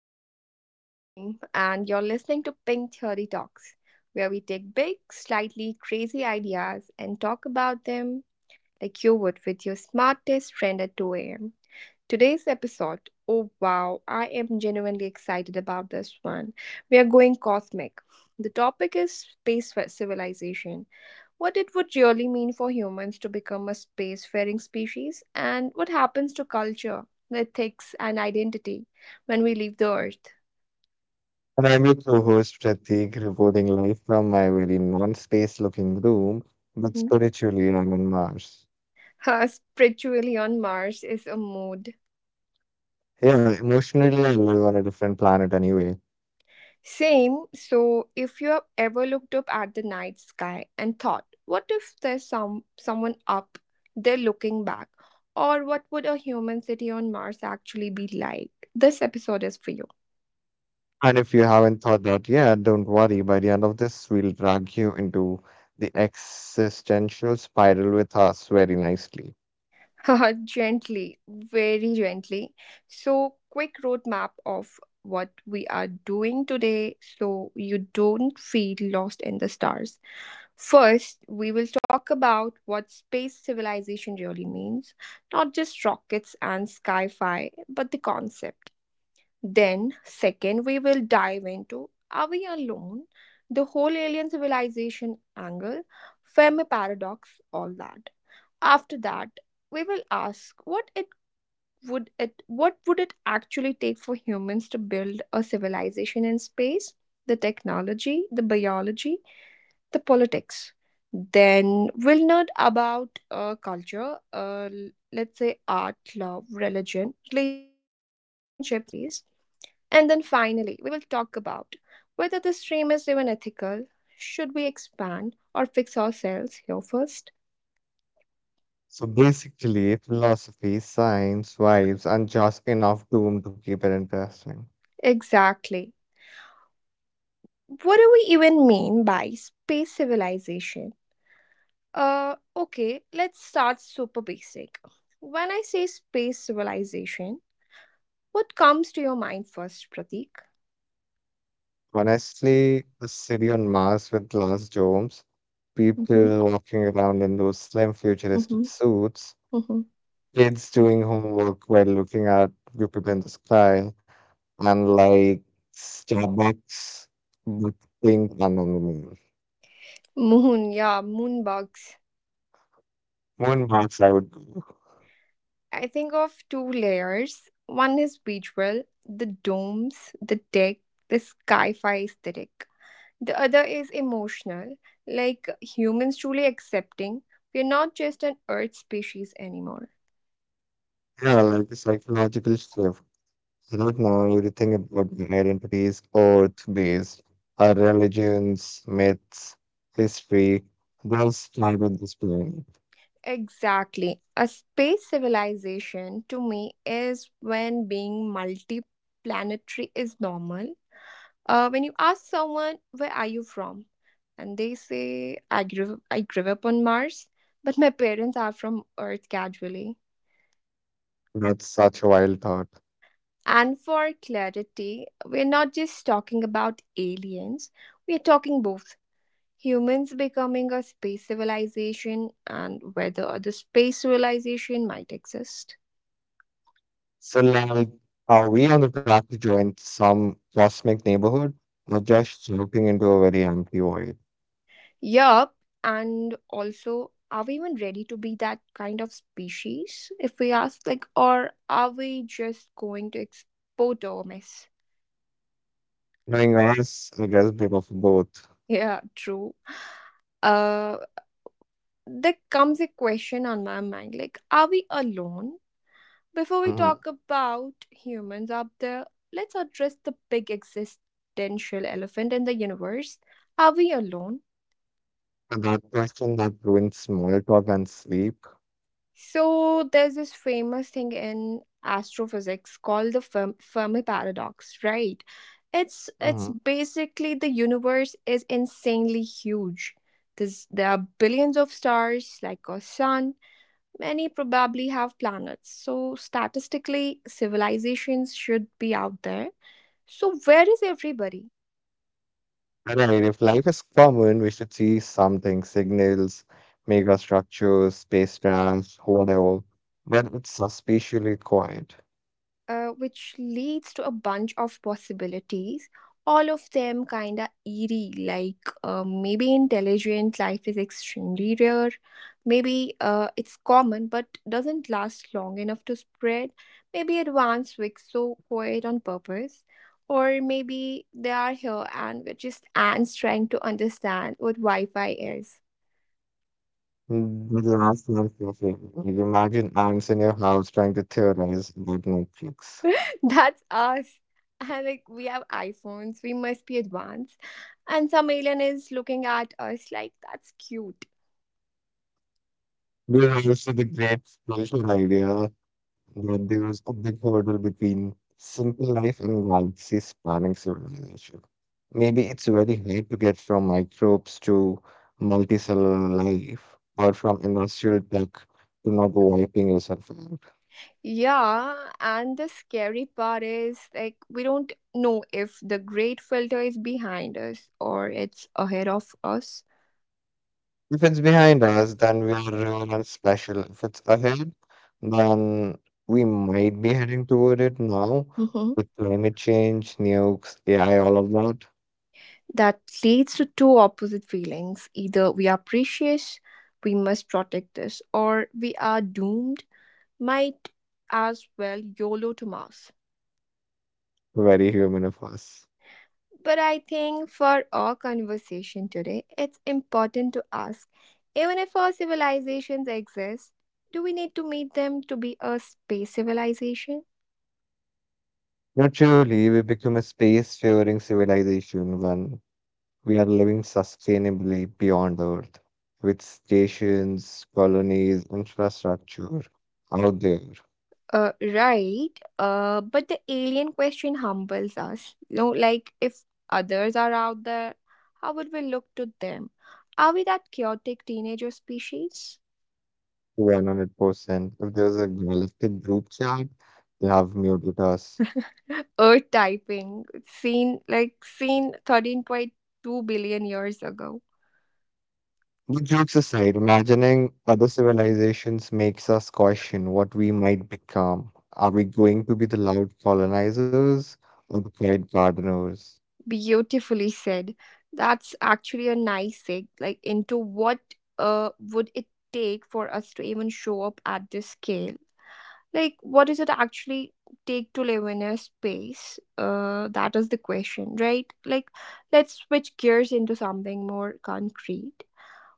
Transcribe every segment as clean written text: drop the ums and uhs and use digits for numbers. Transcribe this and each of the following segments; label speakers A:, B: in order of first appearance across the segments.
A: I'm your host Reem, and you're listening to Pink Theory Talks, where we take big, slightly crazy ideas and talk about them like you would with your smartest friend at 2 a.m. Today's episode, oh wow, I am genuinely excited about this one. We are going cosmic. The topic is space civilization, what it would really mean for humans to become a spacefaring species, and what happens to culture, ethics, and identity when we leave the Earth.
B: And I'm your co host, Pratik, reporting live from my very non space looking room, but
A: Mhm.
B: spiritually, I'm on Mars.
A: Spiritually on Mars is a mood.
B: Yeah, emotionally, I live on a different planet anyway.
A: Same, so if you have ever looked up at the night sky and thought, what if there's someone up there looking back? Or what would a human city on Mars actually be like? This episode is for you.
B: And if you haven't thought that yet, don't worry. By the end of this, we'll drag you into the existential spiral with us very nicely.
A: Gently, very gently. So, quick roadmap of what we are doing today so you don't feel lost in the stars. First, we will talk about what space civilization really means, not just rockets and sci fi, but the concept. Then, second, we will dive into, are we alone? The whole alien civilization angle, Fermi paradox, all that. After that, we will ask what would it actually take for humans to build a civilization in space, the technology, the biology, the politics. Then we'll nerd about culture, let's say art, love, religion, relationships in space. And then finally, we will talk about whether this dream is even ethical. Should we expand or fix ourselves here first?
B: So basically, philosophy, science, vibes, and just enough doom to keep it interesting.
A: Exactly. What do we even mean by space civilization? Okay, let's start super basic. When I say space civilization, what comes to your mind first, Pratik?
B: Honestly, the city on Mars with glass domes,
A: Mm-hmm,
B: people walking around in those slim futuristic
A: mm-hmm,
B: suits,
A: mm-hmm.
B: kids doing homework while looking at Jupiter in the sky, and like Starbucks, but pink and on the moon.
A: Moon, yeah, moon bugs.
B: Moon Mars, I would go.
A: I think of two layers. One is visual, the domes, the deck, the sci-fi aesthetic. The other is emotional, like humans truly accepting we're not just an Earth species anymore.
B: Yeah, like a psychological shift. Right now, everything about my identity is Earth-based. Our religions, myths, history, those started this planet.
A: Exactly. A space civilization to me is when being multi-planetary is normal. When you ask someone, where are you from? And they say, I grew up on Mars, but my parents are from Earth, casually.
B: That's such a wild thought.
A: And for clarity, we're not just talking about aliens, we're talking both humans becoming a space civilization and whether the space civilization might exist.
B: So, like, are we on the track to join some cosmic neighborhood or just looking into a very empty void?
A: Yup. And also, are we even ready to be that kind of species, if we ask? Like, or are we just going to export our mess?
B: Knowing us, I guess, bit of both.
A: Yeah, true. Uh, there comes a question on my mind, like, are we alone? Before we
B: Mhm.
A: talk about humans up there, let's address the big existential elephant in the universe. Are we alone?
B: But that question that ruins small talk and sleep.
A: So there's this famous thing in astrophysics called the Fermi paradox, right? It's
B: Mm-hmm.
A: basically, the universe is insanely huge. There are billions of stars like our sun. Many probably have planets. So statistically, civilizations should be out there. So where is everybody?
B: Right, if life is common, we should see something, signals, megastructures, spacecrafts, whatever. But it's suspiciously quiet.
A: Which leads to a bunch of possibilities. All of them kind of eerie. Like, maybe intelligent life is extremely rare. Maybe it's common but doesn't last long enough to spread. Maybe advanced wicks so quiet on purpose. Or maybe they are here and we're just ants trying to understand what Wi Fi is.
B: Mm. The last one, okay. Like, imagine ants in your house trying to theorize about Netflix.
A: That's us. And like, we have iPhones, we must be advanced. And some alien is looking at us like, that's cute.
B: There was also the great social idea that there was a big hurdle between simple life and galaxy spanning civilization. Maybe it's very hard to get from microbes to multicellular life or from industrial tech to not wiping yourself out.
A: Yeah, and the scary part is, like, we don't know if the great filter is behind us or it's ahead of us.
B: If it's behind us, then we are real and special. If it's ahead, then we might be heading toward it now
A: Mhm.
B: with climate change, nukes, AI, all of that.
A: That leads to two opposite feelings. Either we are precious, we must protect this, or we are doomed, might as well YOLO to Mars.
B: Very human of us.
A: But I think for our conversation today, it's important to ask, even if our civilizations exist, do we need to meet them to be a space civilization?
B: Naturally, we become a space faring civilization when we are living sustainably beyond Earth, with stations, colonies, infrastructure out there.
A: Right. But the alien question humbles us. You know, like, if others are out there, how would we look to them? Are we that chaotic teenager species?
B: 100%. If there's a galactic group chat, they have muted us.
A: Earth typing, seen, like, seen 13.2 billion years ago.
B: But jokes aside, imagining other civilizations makes us question what we might become. Are we going to be the loud colonizers or the quiet gardeners?
A: Beautifully said. That's actually a nice sig. Like, into what would it take for us to even show up at this scale? Like, what does it actually take to live in a space? That is the question, right? Like, let's switch gears into something more concrete.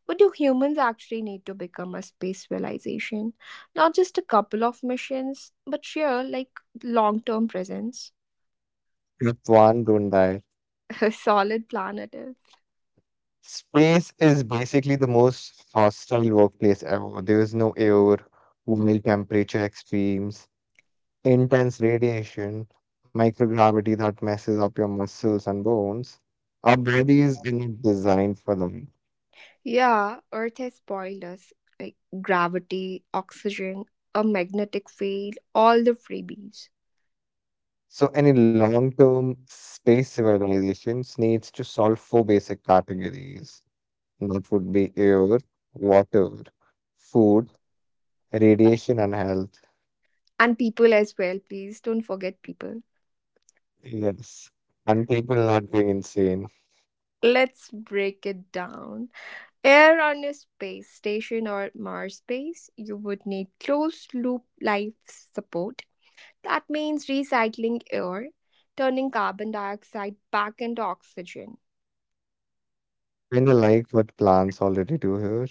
A: What do humans actually need to become a space civilization? Not just a couple of missions, but sheer, like, long term presence.
B: Step one, don't die.
A: A solid planet, eh?
B: Space is basically the most hostile workplace ever. There is no air, wild temperature extremes, intense radiation, microgravity that messes up your muscles and bones. Our bodies are not designed for them.
A: Yeah, Earth has spoiled us. Like, gravity, oxygen, a magnetic field, all the freebies.
B: So, any long term space civilizations needs to solve four basic categories, and that would be air, water, food, radiation, and health.
A: And people as well, please don't forget people.
B: Yes. And people are not going insane.
A: Let's break it down. Air: on a space station or Mars base, you would need closed loop life support. That means recycling air, turning carbon dioxide back into oxygen.
B: Kinda like what plants already do here.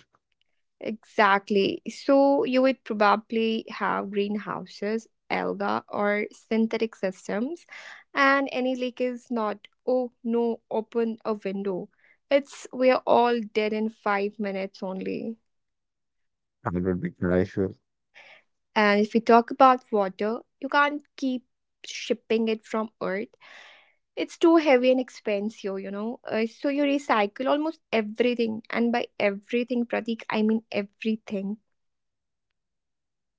A: Exactly. So you would probably have greenhouses, alga, or synthetic systems, and any leak is not, oh no, open a window. It's, we're all dead in 5 minutes only.
B: That would be crucial.
A: And if we talk about water, you can't keep shipping it from Earth. It's too heavy and expensive, you know. So you recycle almost everything, and by everything, Pratik, I mean everything.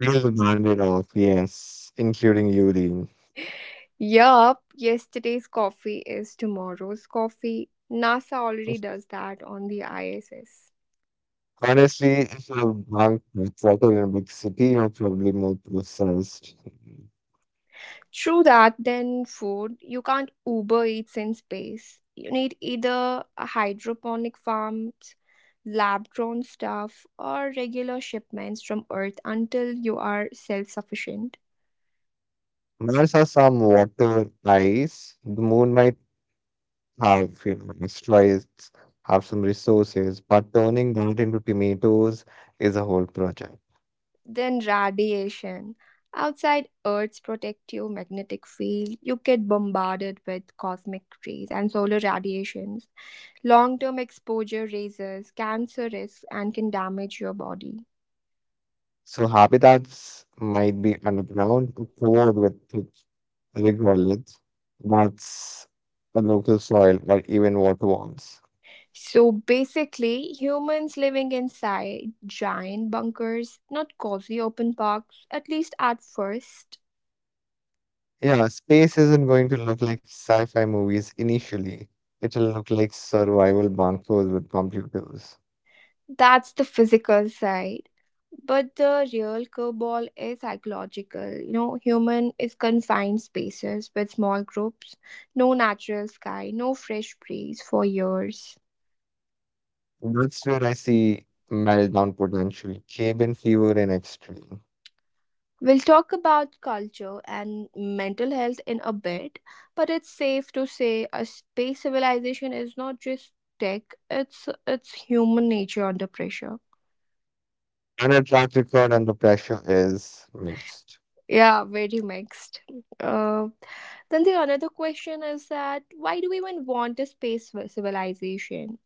B: They'll burn it off, yes, including urine.
A: Yup, yesterday's coffee is tomorrow's coffee. NASA already does that on the ISS.
B: Honestly, if you bank water in a big city, you're probably more processed.
A: True that, then food. You can't Uber Eats in space. You need either a hydroponic farms, lab grown stuff, or regular shipments from Earth until you are self sufficient.
B: Mars has some water ice. The moon might have asteroids have some resources, but turning that into tomatoes is a whole project.
A: Then radiation. Outside Earth's protective magnetic field, you get bombarded with cosmic rays and solar radiations. Long-term exposure raises cancer risks and can damage your body.
B: So habitats might be underground, covered with thick regolith, that's a local soil, or even water worms.
A: So basically, humans living inside giant bunkers, not cozy open parks, at least at first.
B: Yeah, space isn't going to look like sci-fi movies initially. It'll look like survival bunkers with computers.
A: That's the physical side. But the real curveball is psychological. You know, human is confined spaces with small groups, no natural sky, no fresh breeze for years.
B: That's where I see meltdown potential, cabin fever in extreme.
A: We'll talk about culture and mental health in a bit, but it's safe to say a space civilization is not just tech, it's human nature under pressure.
B: And a track record under pressure is mixed.
A: Yeah, very mixed. Uh, then the another question is that, why do we even want a space civilization?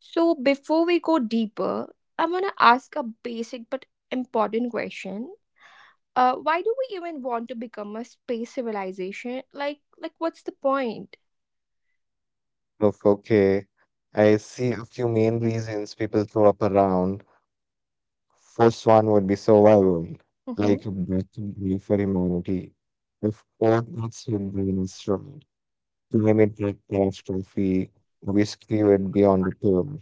A: So before we go deeper, I'm gonna ask a basic but important question. Why do we even want to become a space civilization? Like, what's the point?
B: Look, okay, I see a few main reasons people throw up around. First one would be survival,
A: Mm-hmm,
B: like breathing for humanity. If all that's human is destroyed, climate catastrophe, whiskey would be on the table.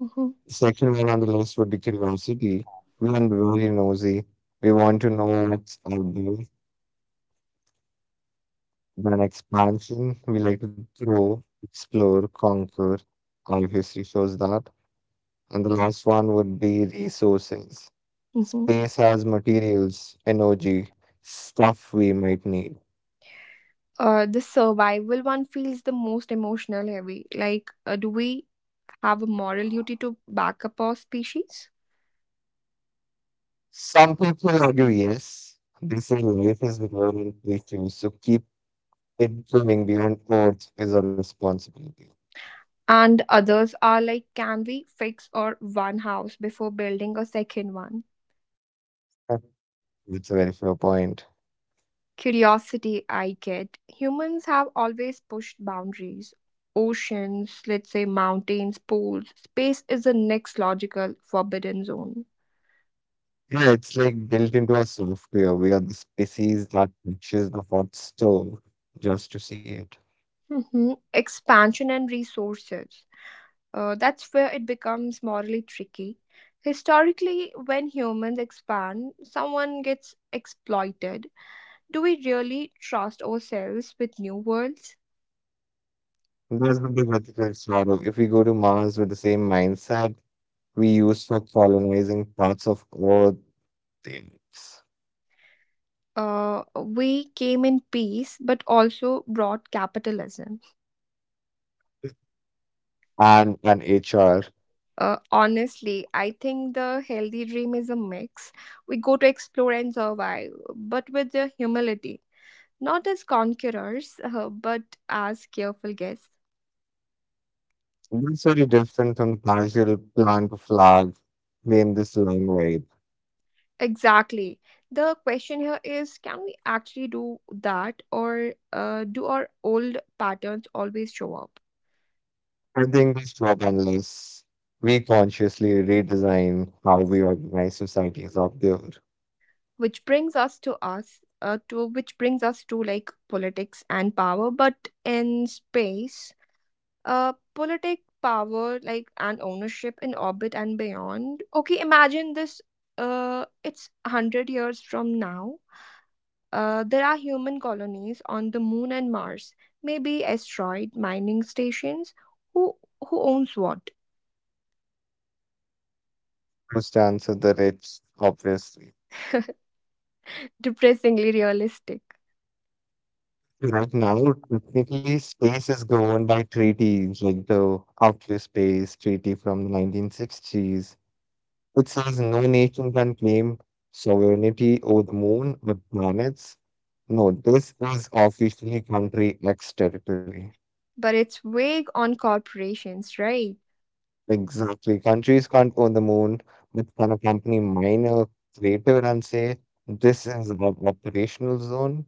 A: mm-hmm,
B: Second one on the list would be curiosity. We are really nosy. We want to know what's out there. Then expansion, we like to grow, explore, conquer. All history shows that. And the last one would be resources.
A: mm-hmm.
B: Space has materials, energy, stuff we might need.
A: The survival one feels the most emotional heavy. Like, do we have a moral duty to back up our species?
B: Some people argue yes. They say life is beyond issues, so keep it going beyond Earth is a responsibility.
A: And others are like, can we fix our one house before building a second one?
B: That's a very fair point.
A: Curiosity, I get. Humans have always pushed boundaries. Oceans, let's say mountains, pools, space is the next logical forbidden zone.
B: Yeah, it's like built into our software. We are the species that reaches the hot stove just to see it.
A: Mm-hmm. Expansion and resources. That's where it becomes morally tricky. Historically, when humans expand, someone gets exploited. Do we really trust ourselves with new worlds?
B: And that's the big ethical sorrow. If we go to Mars with the same mindset we use for colonizing parts of Earth, things,
A: We came in peace but also brought capitalism.
B: and an HR.
A: Honestly, I think the healthy dream is a mix. We go to explore and survive, but with the humility, not as conquerors, but as careful guests.
B: That's very different from casual plant a flag, claim this long vibe.
A: Exactly. The question here is, can we actually do that, or do our old patterns always show up?
B: I think this job unless we consciously redesign how we organize societies up there.
A: Which brings us to, like, politics and power, but in space. Politic power like And ownership in orbit and beyond. Okay, imagine this. It's 100 years from now. There are human colonies on the moon and Mars, maybe asteroid mining stations. Who who owns what?
B: First answer, the rich, obviously.
A: Depressingly realistic.
B: Right now, technically, space is governed by treaties like the Outer Space Treaty from the 1960s. It says no nation can claim sovereignty over the moon or planets. No, this is officially country X territory.
A: But it's vague on corporations, right?
B: Exactly. Countries can't own the moon, but can a company mine a crater and say, this is our operational zone?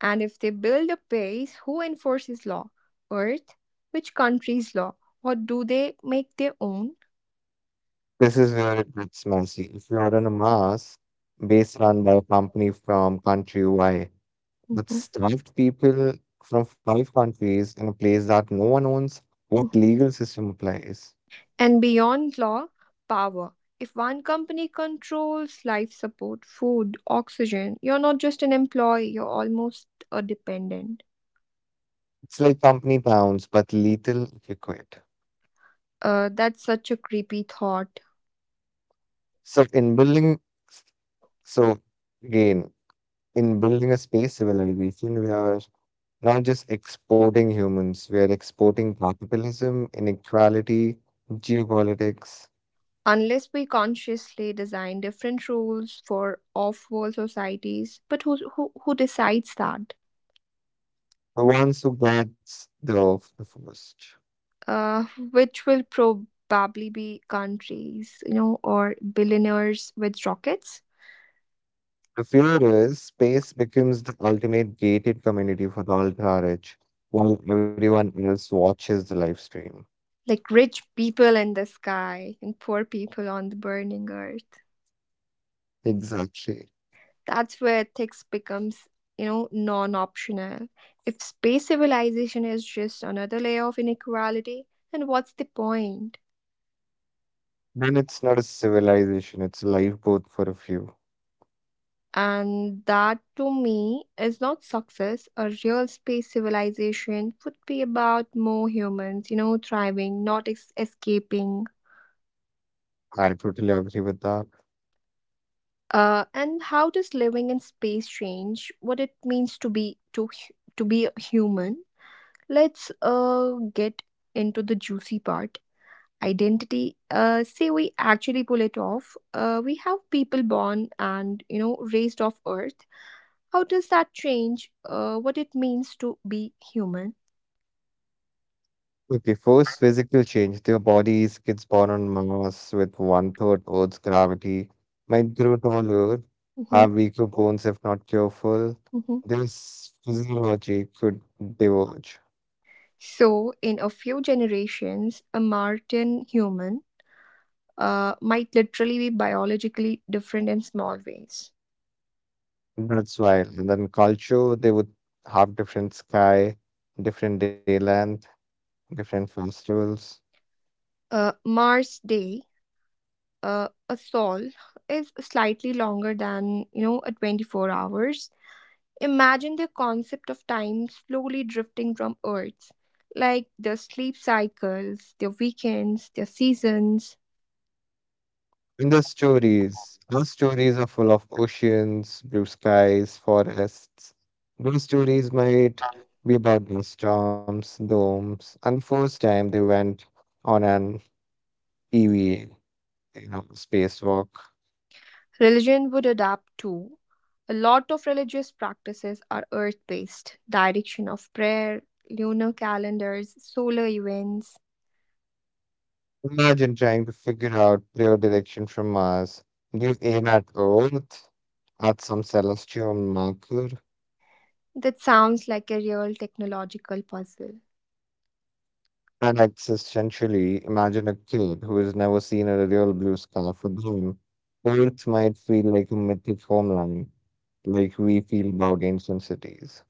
A: And if they build a base, who enforces law? Earth? Which country's law? Or do they make their own?
B: This is where it gets messy. If you are on a Mars base run by a company from country Y that
A: Mhm.
B: staffed people from five countries in a place that no one owns, what legal system applies?
A: And beyond law, power. If one company controls life support, food, oxygen, you're not just an employee, you're almost a dependent.
B: It's like company pounds, but lethal if you quit.
A: That's such a creepy thought.
B: So in building, so again, in building a space civilization, we are not just exporting humans, we are exporting capitalism, inequality, geopolitics,
A: Unless we consciously design different rules for off-world societies, but who decides that?
B: the ones who gets the first.
A: Uh, which will probably be countries, you know, or billionaires with rockets,
B: The fear is space becomes the ultimate gated community for the ultra rich, while everyone else watches the live stream.
A: like rich people in the sky and poor people on the burning earth.
B: Exactly.
A: That's where ethics becomes, non optional. If space civilization is just another layer of inequality, then what's the point?
B: Then it's not a civilization, it's a lifeboat for a few.
A: And that, to me, is not success. A real space civilization would be about more humans, thriving, not escaping.
B: I totally agree with that.
A: And how does living in space change what it means to be a human? Let's get into the juicy part. Identity. Say we actually pull it off. We have people born and, raised off earth. How does that change what it means to be human?
B: Okay, first physical change. Their bodies, kids born on Mars with one third Earth's gravity, might grow taller,
A: Mhm,
B: have weaker bones if not careful.
A: mhm.
B: Their s- physiology could diverge.
A: So in a few generations, a martian human might literally be biologically different in small ways.
B: That's wild. And then culture, they would have different sky, different day length, different festivals.
A: Mars day, a sol is slightly longer than, a 24 hours. Imagine the concept of time slowly drifting from Earth, like their sleep cycles, their weekends, their seasons.
B: In the stories, our stories are full of oceans, blue skies, forests. Their stories might be about the storms, domes, and first time they went on an EVA, spacewalk.
A: Religion would adapt too. A lot of religious practices are earth based direction of prayer, lunar calendars, solar events.
B: Imagine trying to figure out their direction from Mars. They aim at Earth, at some celestial marker.
A: That sounds like a real technological puzzle.
B: And existentially, imagine a kid who has never seen a real blue sky, for them, Earth might feel like a mythic homeland, like we feel about ancient cities.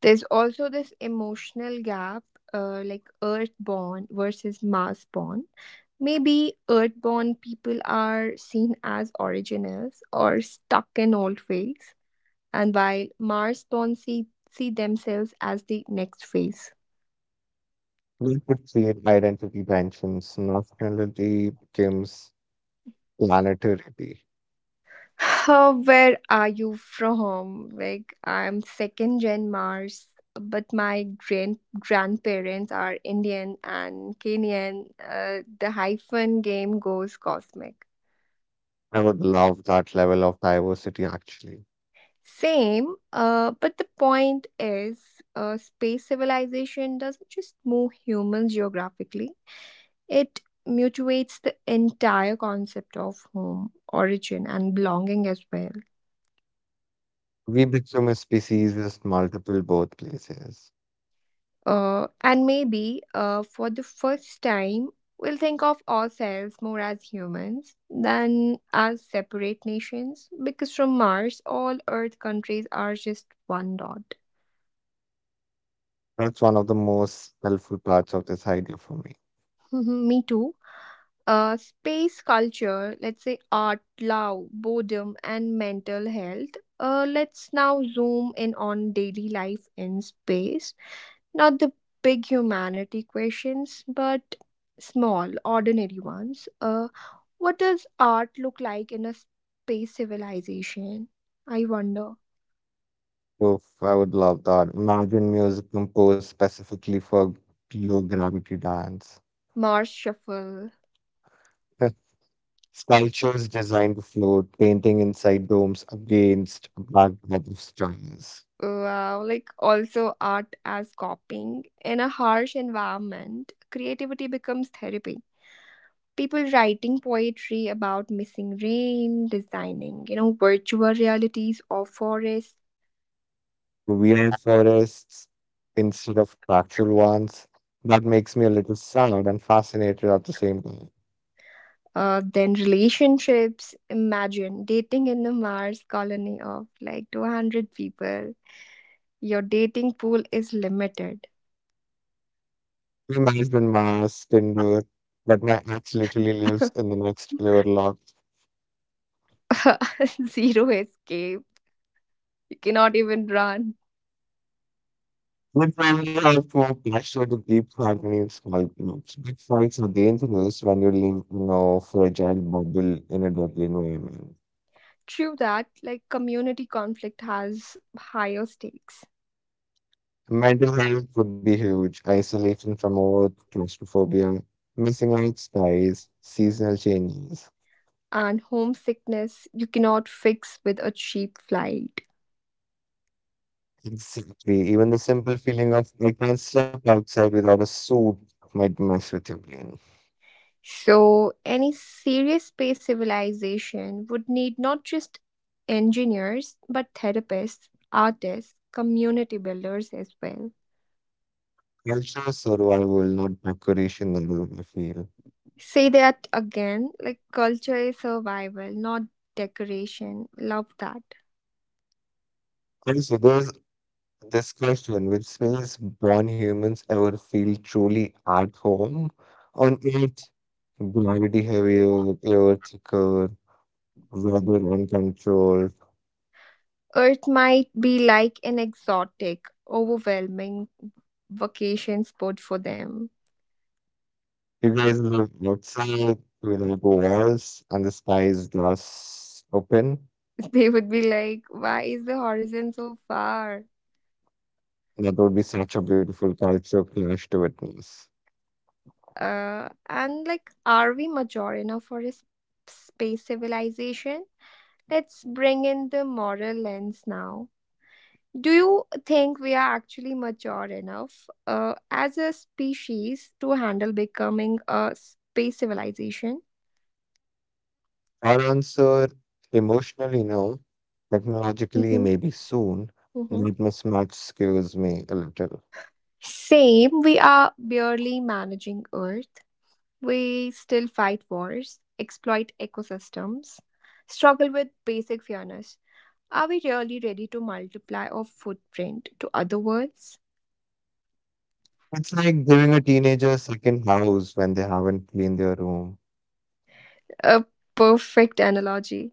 A: There's also this emotional gap, like Earthborn versus Marsborn. Maybe Earthborn people are seen as originals or stuck in old ways, and while Marsborn see themselves as the next phase.
B: We could create identity tensions, nationality becomes planetary.
A: Where are you from? Like, I'm second gen Mars, but my grandparents are Indian and Kenyan. The hyphen game goes cosmic.
B: I would love that level of diversity, actually.
A: Same, but the point is, space civilization doesn't just move humans geographically, it mutuates the entire concept of home, origin, and belonging as well.
B: We become a species with multiple birthplaces.
A: And maybe for the first time, we'll think of ourselves more as humans than as separate nations because from Mars, all Earth countries are just one dot.
B: That's one of the most helpful parts of this idea for me.
A: Me too. Space culture, let's say art, love, boredom, and mental health. Let's now zoom in on daily life in space. Not the big humanity questions, but small, ordinary ones. What does art look like in a space civilization? I wonder.
B: I would love that. Imagine music composed specifically for low gravity dance.
A: Mars Shuffle.
B: Sculptures designed to float, painting inside domes against a backdrop of stars.
A: Wow, like also art as copying. In a harsh environment, creativity becomes therapy people writing poetry about missing rain, designing, virtual realities of forests,
B: Weird forests instead of actual ones. That makes me a little sad and fascinated at the same time.
A: then relationships. Imagine dating in the Mars colony of like 200 people. Your dating pool is limited,
B: My husband mask can do it, but my ex literally lives in the next floor loft.
A: zero escape. You cannot even run.
B: We probably have more pressure to keep harmony in small groups. Big fights are dangerous when you live in a fragile bubble in a dirty environment.
A: True that, like community conflict has higher stakes.
B: Mental health could be huge. Isolation from work, claustrophobia, missing out skies, seasonal changes.
A: And homesickness you cannot fix with a cheap flight.
B: Exactly. Even the simple feeling of like, I can't step outside without a suit might mess with your brain.
A: So, any serious space civilization would need not just engineers, but therapists, artists, community builders as well.
B: Culture survival, not decoration, I feel.
A: Say that again like culture is survival, not decoration. Love that.
B: And so there's this question, which means born humans ever feel truly at home on Earth? Gravity heavier, air thicker, weather uncontrolled.
A: Earth might be like an exotic, overwhelming vacation spot for them.
B: You guys live outside without walls, and the sky is just open.
A: They would be like, why is the horizon so far?
B: That would be such a beautiful culture clash to witness.
A: And like are we mature enough for a space civilization? Let's bring in the moral lens now. Do you think we are actually mature enough as a species to handle becoming a space civilization?
B: Our answer, emotionally no, technologically
A: Mm-hmm,
B: maybe soon, and
A: mm-hmm.
B: that mismatch scares me a little.
A: Same, we are barely managing earth. We still fight wars, exploit ecosystems, struggle with basic fairness. Are we really ready to multiply our footprint to other worlds?
B: It's like giving a teenager a second house when they haven't cleaned their room.
A: A perfect analogy.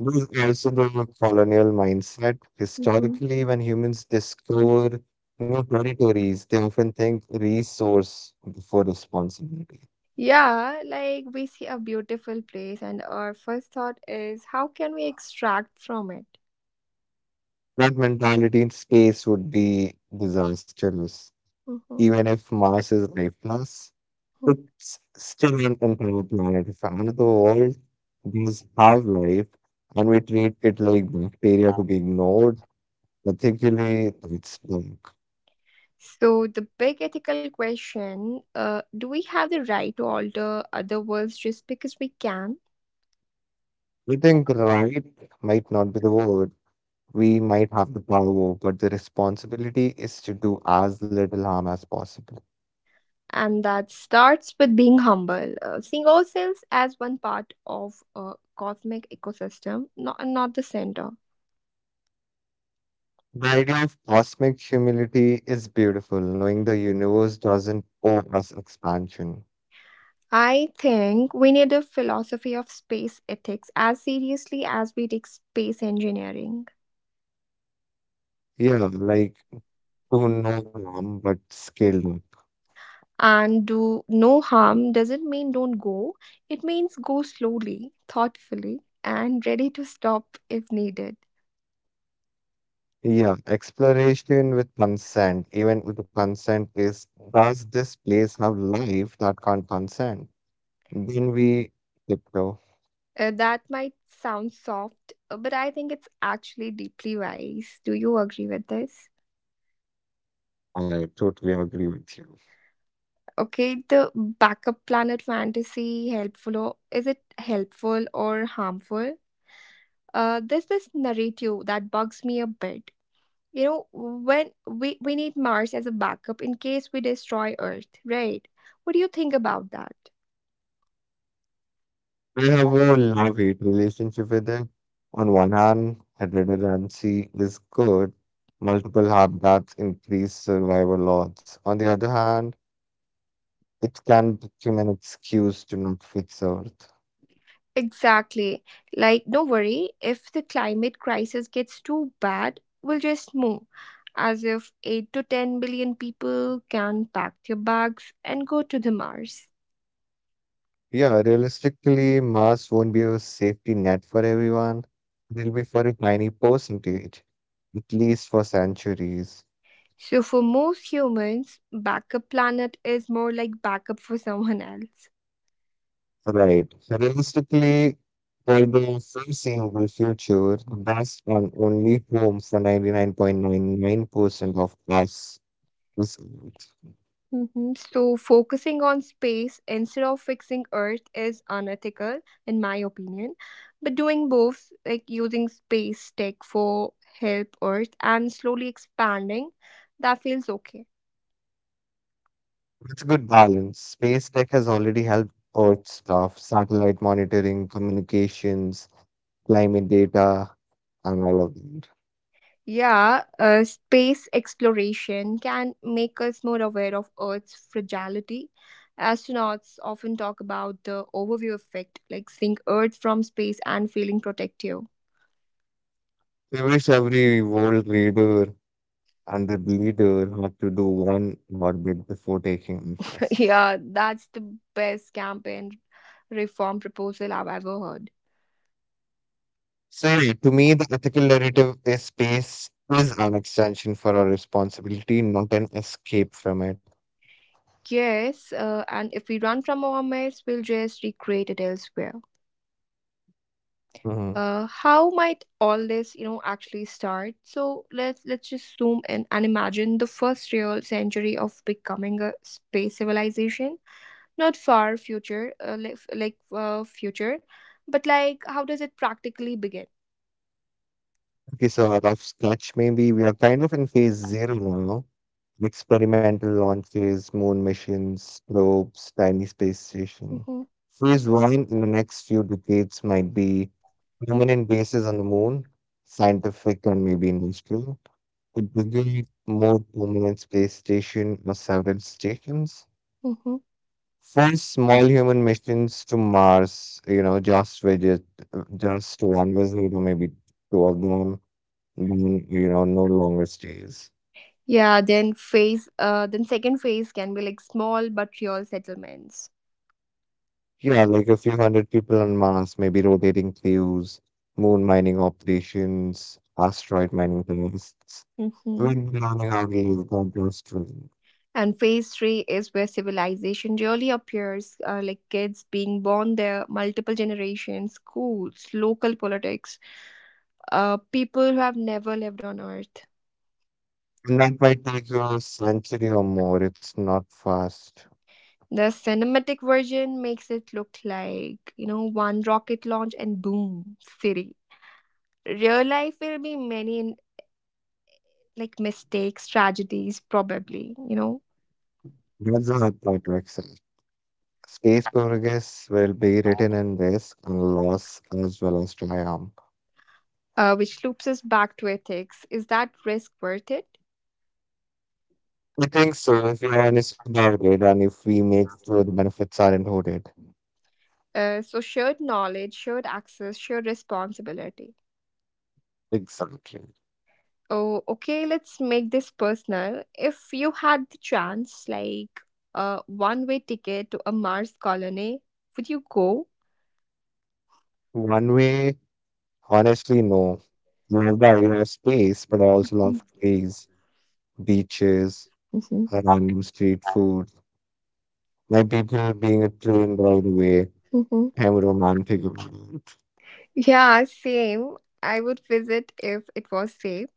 B: There's also the colonial mindset.
A: Mhm.
B: Historically, when humans discover new territories, they often think resource before responsibility.
A: Yeah, like we see a beautiful place, and our first thought is how can we extract from it?
B: That mentality in space would be disastrous.
A: Mhm.
B: Even if Mars is lifeless,
A: Mhm.
B: it's still an entire planet. If another world does have life and we treat it like bacteria to be ignored, ethically, it's wrong.
A: So, the big ethical question, do we have the right to alter other worlds just because we can?
B: We think right might not be the word. We might have the power, but the responsibility is to do as little harm as possible.
A: And that starts with being humble, seeing ourselves as one part of a cosmic ecosystem, not the center.
B: The idea of cosmic humility is beautiful, knowing the universe doesn't owe us expansion.
A: I think we need a philosophy of space ethics as seriously as we take space engineering.
B: Yeah, like to no harm but scale.
A: And do no harm doesn't mean don't go, it means go slowly, thoughtfully, and ready to stop if needed.
B: Yeah, exploration with consent, even with consent, is does this place have life that can't consent? Then we tiptoe.
A: That might sound soft, but I think it's actually deeply wise. Do you agree with this?
B: I totally agree with you.
A: Okay, the backup planet fantasy helpful, or is it helpful or harmful? There's this narrative that bugs me a bit, you know, when we need mars as a backup in case we destroy earth, right? What do you think about that?
B: I have a love hate relationship with it. On one hand, redundancy is good, multiple habitats increase survival odds. On the other hand, it can become an excuse to not fix Earth.
A: Exactly, like don't worry if the climate crisis gets too bad, we'll just move, as if 8 to 10 billion people can pack their bags and go to the mars.
B: Yeah, realistically, masks won't be a safety net for everyone. They'll be for a tiny percentage, at least for centuries.
A: So for most humans backup planet is more like backup for someone else.
B: Right. Realistically, for the foreseeable future, that's on only home for 99.99% of us. It's
A: Mhm. So, focusing on space instead of fixing Earth is unethical, in my opinion. But doing both, like using space tech for help Earth and slowly expanding, that feels okay.
B: it's a good balance. Space tech has already helped Earth stuff, satellite monitoring, communications, climate data, and all of that.
A: Yeah, space exploration can make us more aware of Earth's fragility. Astronauts often talk about the overview effect, like seeing Earth from space and feeling protective.
B: I wish every world leader and the leader had to do one orbit before taking office.
A: Yeah, that's the best campaign reform proposal I've ever heard.
B: So yeah, to me, the ethical narrative is space is an extension for our responsibility, not an escape from it.
A: Yes, and if we run from our myths, we'll just recreate it elsewhere.
B: Mhm.
A: How might all this, you know, actually start? So let's just zoom in and imagine the first real century of becoming a space civilization. Not far future, like future, but like how does it practically begin?
B: Okay, so a rough sketch maybe. We are kind of in phase zero now. Experimental launches, moon missions, probes, tiny space station.
A: Mm-hmm.
B: Phase one in the next few decades might be permanent bases on the moon, scientific and maybe industrial. It begins more permanent space station or several stations.
A: Mm-hmm.
B: First, small human missions to Mars, you know, just visit, just one visit or maybe two of them, then no longer stays.
A: Yeah, then second phase can be like small but real settlements.
B: Yeah, like a few hundred people on Mars, maybe rotating crews, moon mining operations, asteroid mining tests.
A: Hmm.
B: When planning our leave, God bless to.
A: And phase three is where civilization really appears, like kids being born there, multiple generations, schools, local politics, people who have never lived on Earth.
B: And that might take you a century or more. It's not fast.
A: The cinematic version makes it look like, you know, one rocket launch and boom, city. Real life will be many like mistakes, tragedies, probably, you know.
B: That's the hard part to accept. Space progress will be written in risk and loss as well as triumph.
A: Which loops us back to ethics. Is that risk worth it?
B: I think so, if you're honest about it, and if we make sure the benefits aren't hoarded.
A: So, shared knowledge, shared access, shared responsibility.
B: Exactly.
A: Oh, okay, let's make this personal. If you had the chance, like a one way ticket to a Mars colony, would you go?
B: One way? Honestly, no. Mumbai has space, but also love trees, beaches,
A: Hmm.
B: random street food. My people being a train ride away.
A: Hmm.
B: I'm romantic about it.
A: Yeah, same. I would visit if it was safe,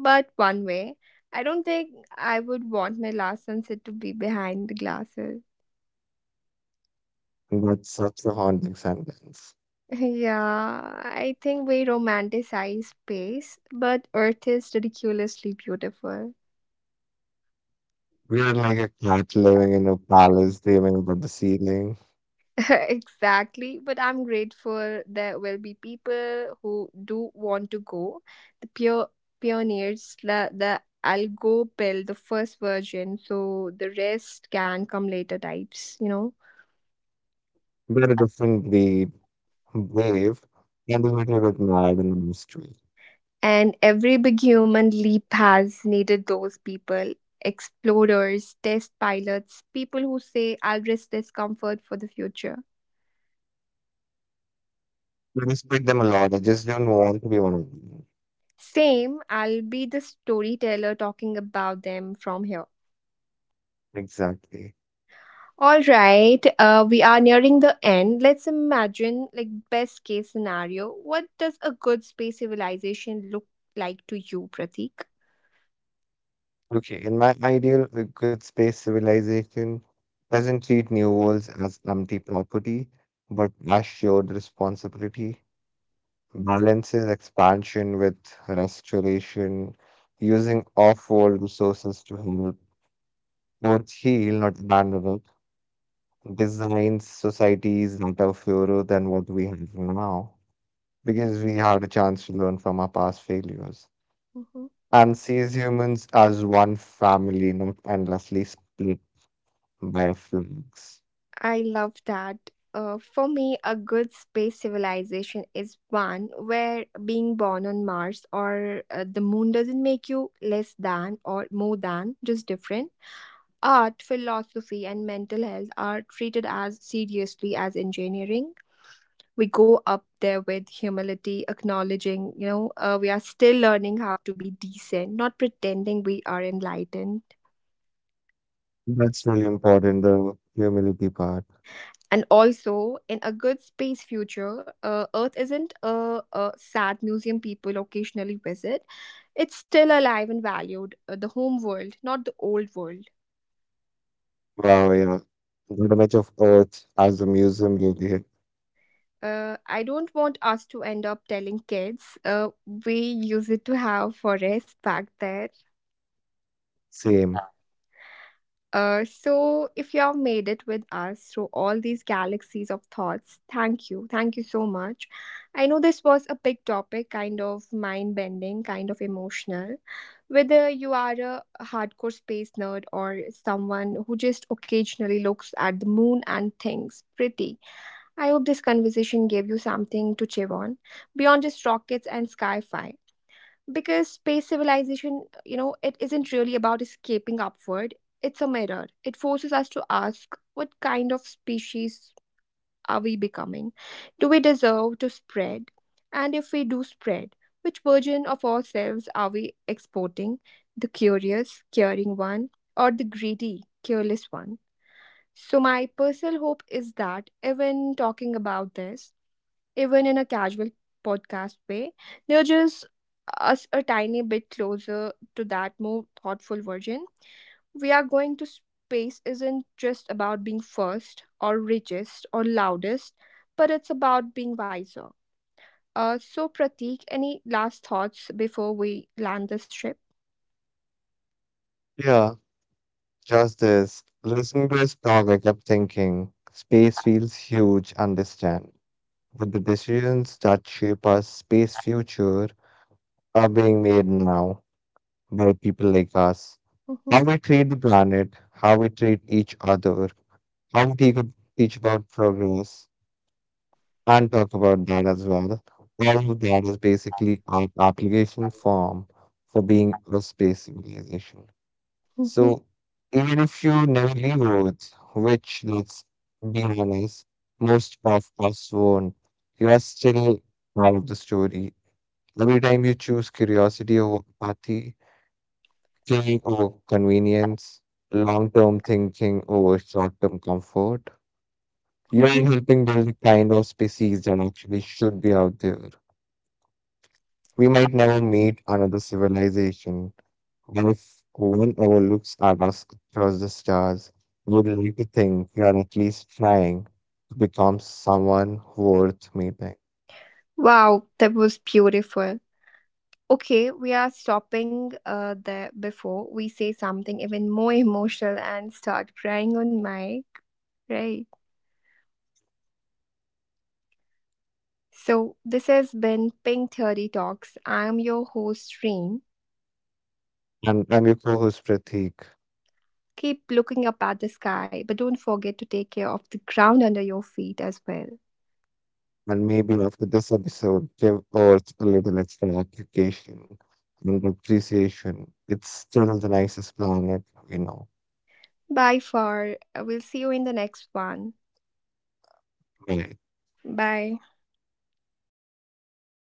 A: but one way. I don't think I would want my last sunset to be behind the glasses.
B: And that's such a haunting sentence.
A: Yeah, I think we romanticize space, but Earth is ridiculously beautiful.
B: We are like a cat living in a palace dreaming about the ceiling.
A: Exactly, but I'm grateful there will be people who do want to go. The pure pioneers, the Algo pill, the first version, so the rest can come later types, you know.
B: We are a different breed, brave, and a little bit mad and mystery.
A: And every big human leap has needed those people explorers, test pilots, people who say, I'll risk discomfort for the future.
B: I respect them a lot. I just don't want to be one of them.
A: Same, I'll be the storyteller talking about them from here.
B: Exactly.
A: All right, we are nearing the end. Let's imagine, like, best case scenario. What does a good space civilization look like to you, Pratik?
B: Okay, in my ideal, good space civilization doesn't treat new worlds as empty property, but as shared responsibility, balances expansion with restoration, using off-world resources to help both heal, not abandon it, designs societies that are fairer than what we have now, because we had a chance to learn from our past failures.
A: Mm-hmm.
B: And sees humans as one family, not endlessly split. Biofilms.
A: I love that. For me, a good space civilization is one where being born on Mars or the moon doesn't make you less than or more than, just different. Art, philosophy, and mental health are treated as seriously as engineering. We go up there with humility, acknowledging, you know, we are still learning how to be decent, not pretending we are enlightened.
B: That's really important, the humility part.
A: And also, in a good space future, Earth isn't a sad museum people occasionally visit. It's still alive and valued, the home world, not the old world.
B: Wow, yeah. The image of Earth as a museum really
A: I don't want us to end up telling kids we used to have forests back there.
B: same.
A: So, if you have made it with us through all these galaxies of thoughts, thank you. Thank you so much. I know this was a big topic, kind of mind bending, kind of emotional. Whether you are a hardcore space nerd or someone who just occasionally looks at the moon and thinks, pretty, I hope this conversation gave you something to chew on beyond just rockets and sci fi, because space civilization, you know, it isn't really about escaping upward. It's a mirror. It forces us to ask what kind of species are we becoming. Do we deserve to spread? And if we do spread, which version of ourselves are we exporting? The curious caring one, or the greedy careless one? So my personal hope is that even talking about this, even in a casual podcast way, they're just us a tiny bit closer to that more thoughtful version. We are going to space isn't just about being first or richest or loudest, but it's about being wiser. So, Pratik, any last thoughts before we land this ship?
B: Yeah, just this. Listening to his talk, I kept thinking space feels huge, understand. But the decisions that shape our space future are being made now by people like us.
A: Mhm,
B: How we treat the planet, how we treat each other, how we take- teach about progress, and talk about that as well. All of that is basically an application form for being a space civilization.
A: mhm,
B: So even if you never leave Earth, which let's be honest, most of us won't, you are still part of the story. Every time you choose curiosity over apathy, care over convenience, long-term thinking over short-term comfort, you are
A: mhm.
B: helping build the kind of species that actually should be out there. We might never meet another civilization, but if one ever looks at us across the stars, we would like to think we are at least trying to become someone worth meeting.
A: Wow, that was beautiful. Okay, we are stopping there before we say something even more emotional and start crying on mic, right? So this has been pink 30 talks. I am your host Reem.
B: And I'm your co-host, Pratik,
A: Keep looking up at the sky, but don't forget to take care of the ground under your feet as well.
B: and maybe after this episode, give Earth a little extra application and appreciation. It's still the nicest planet we know.
A: Bye far, we'll see you in the next one.
B: Right.
A: Bye.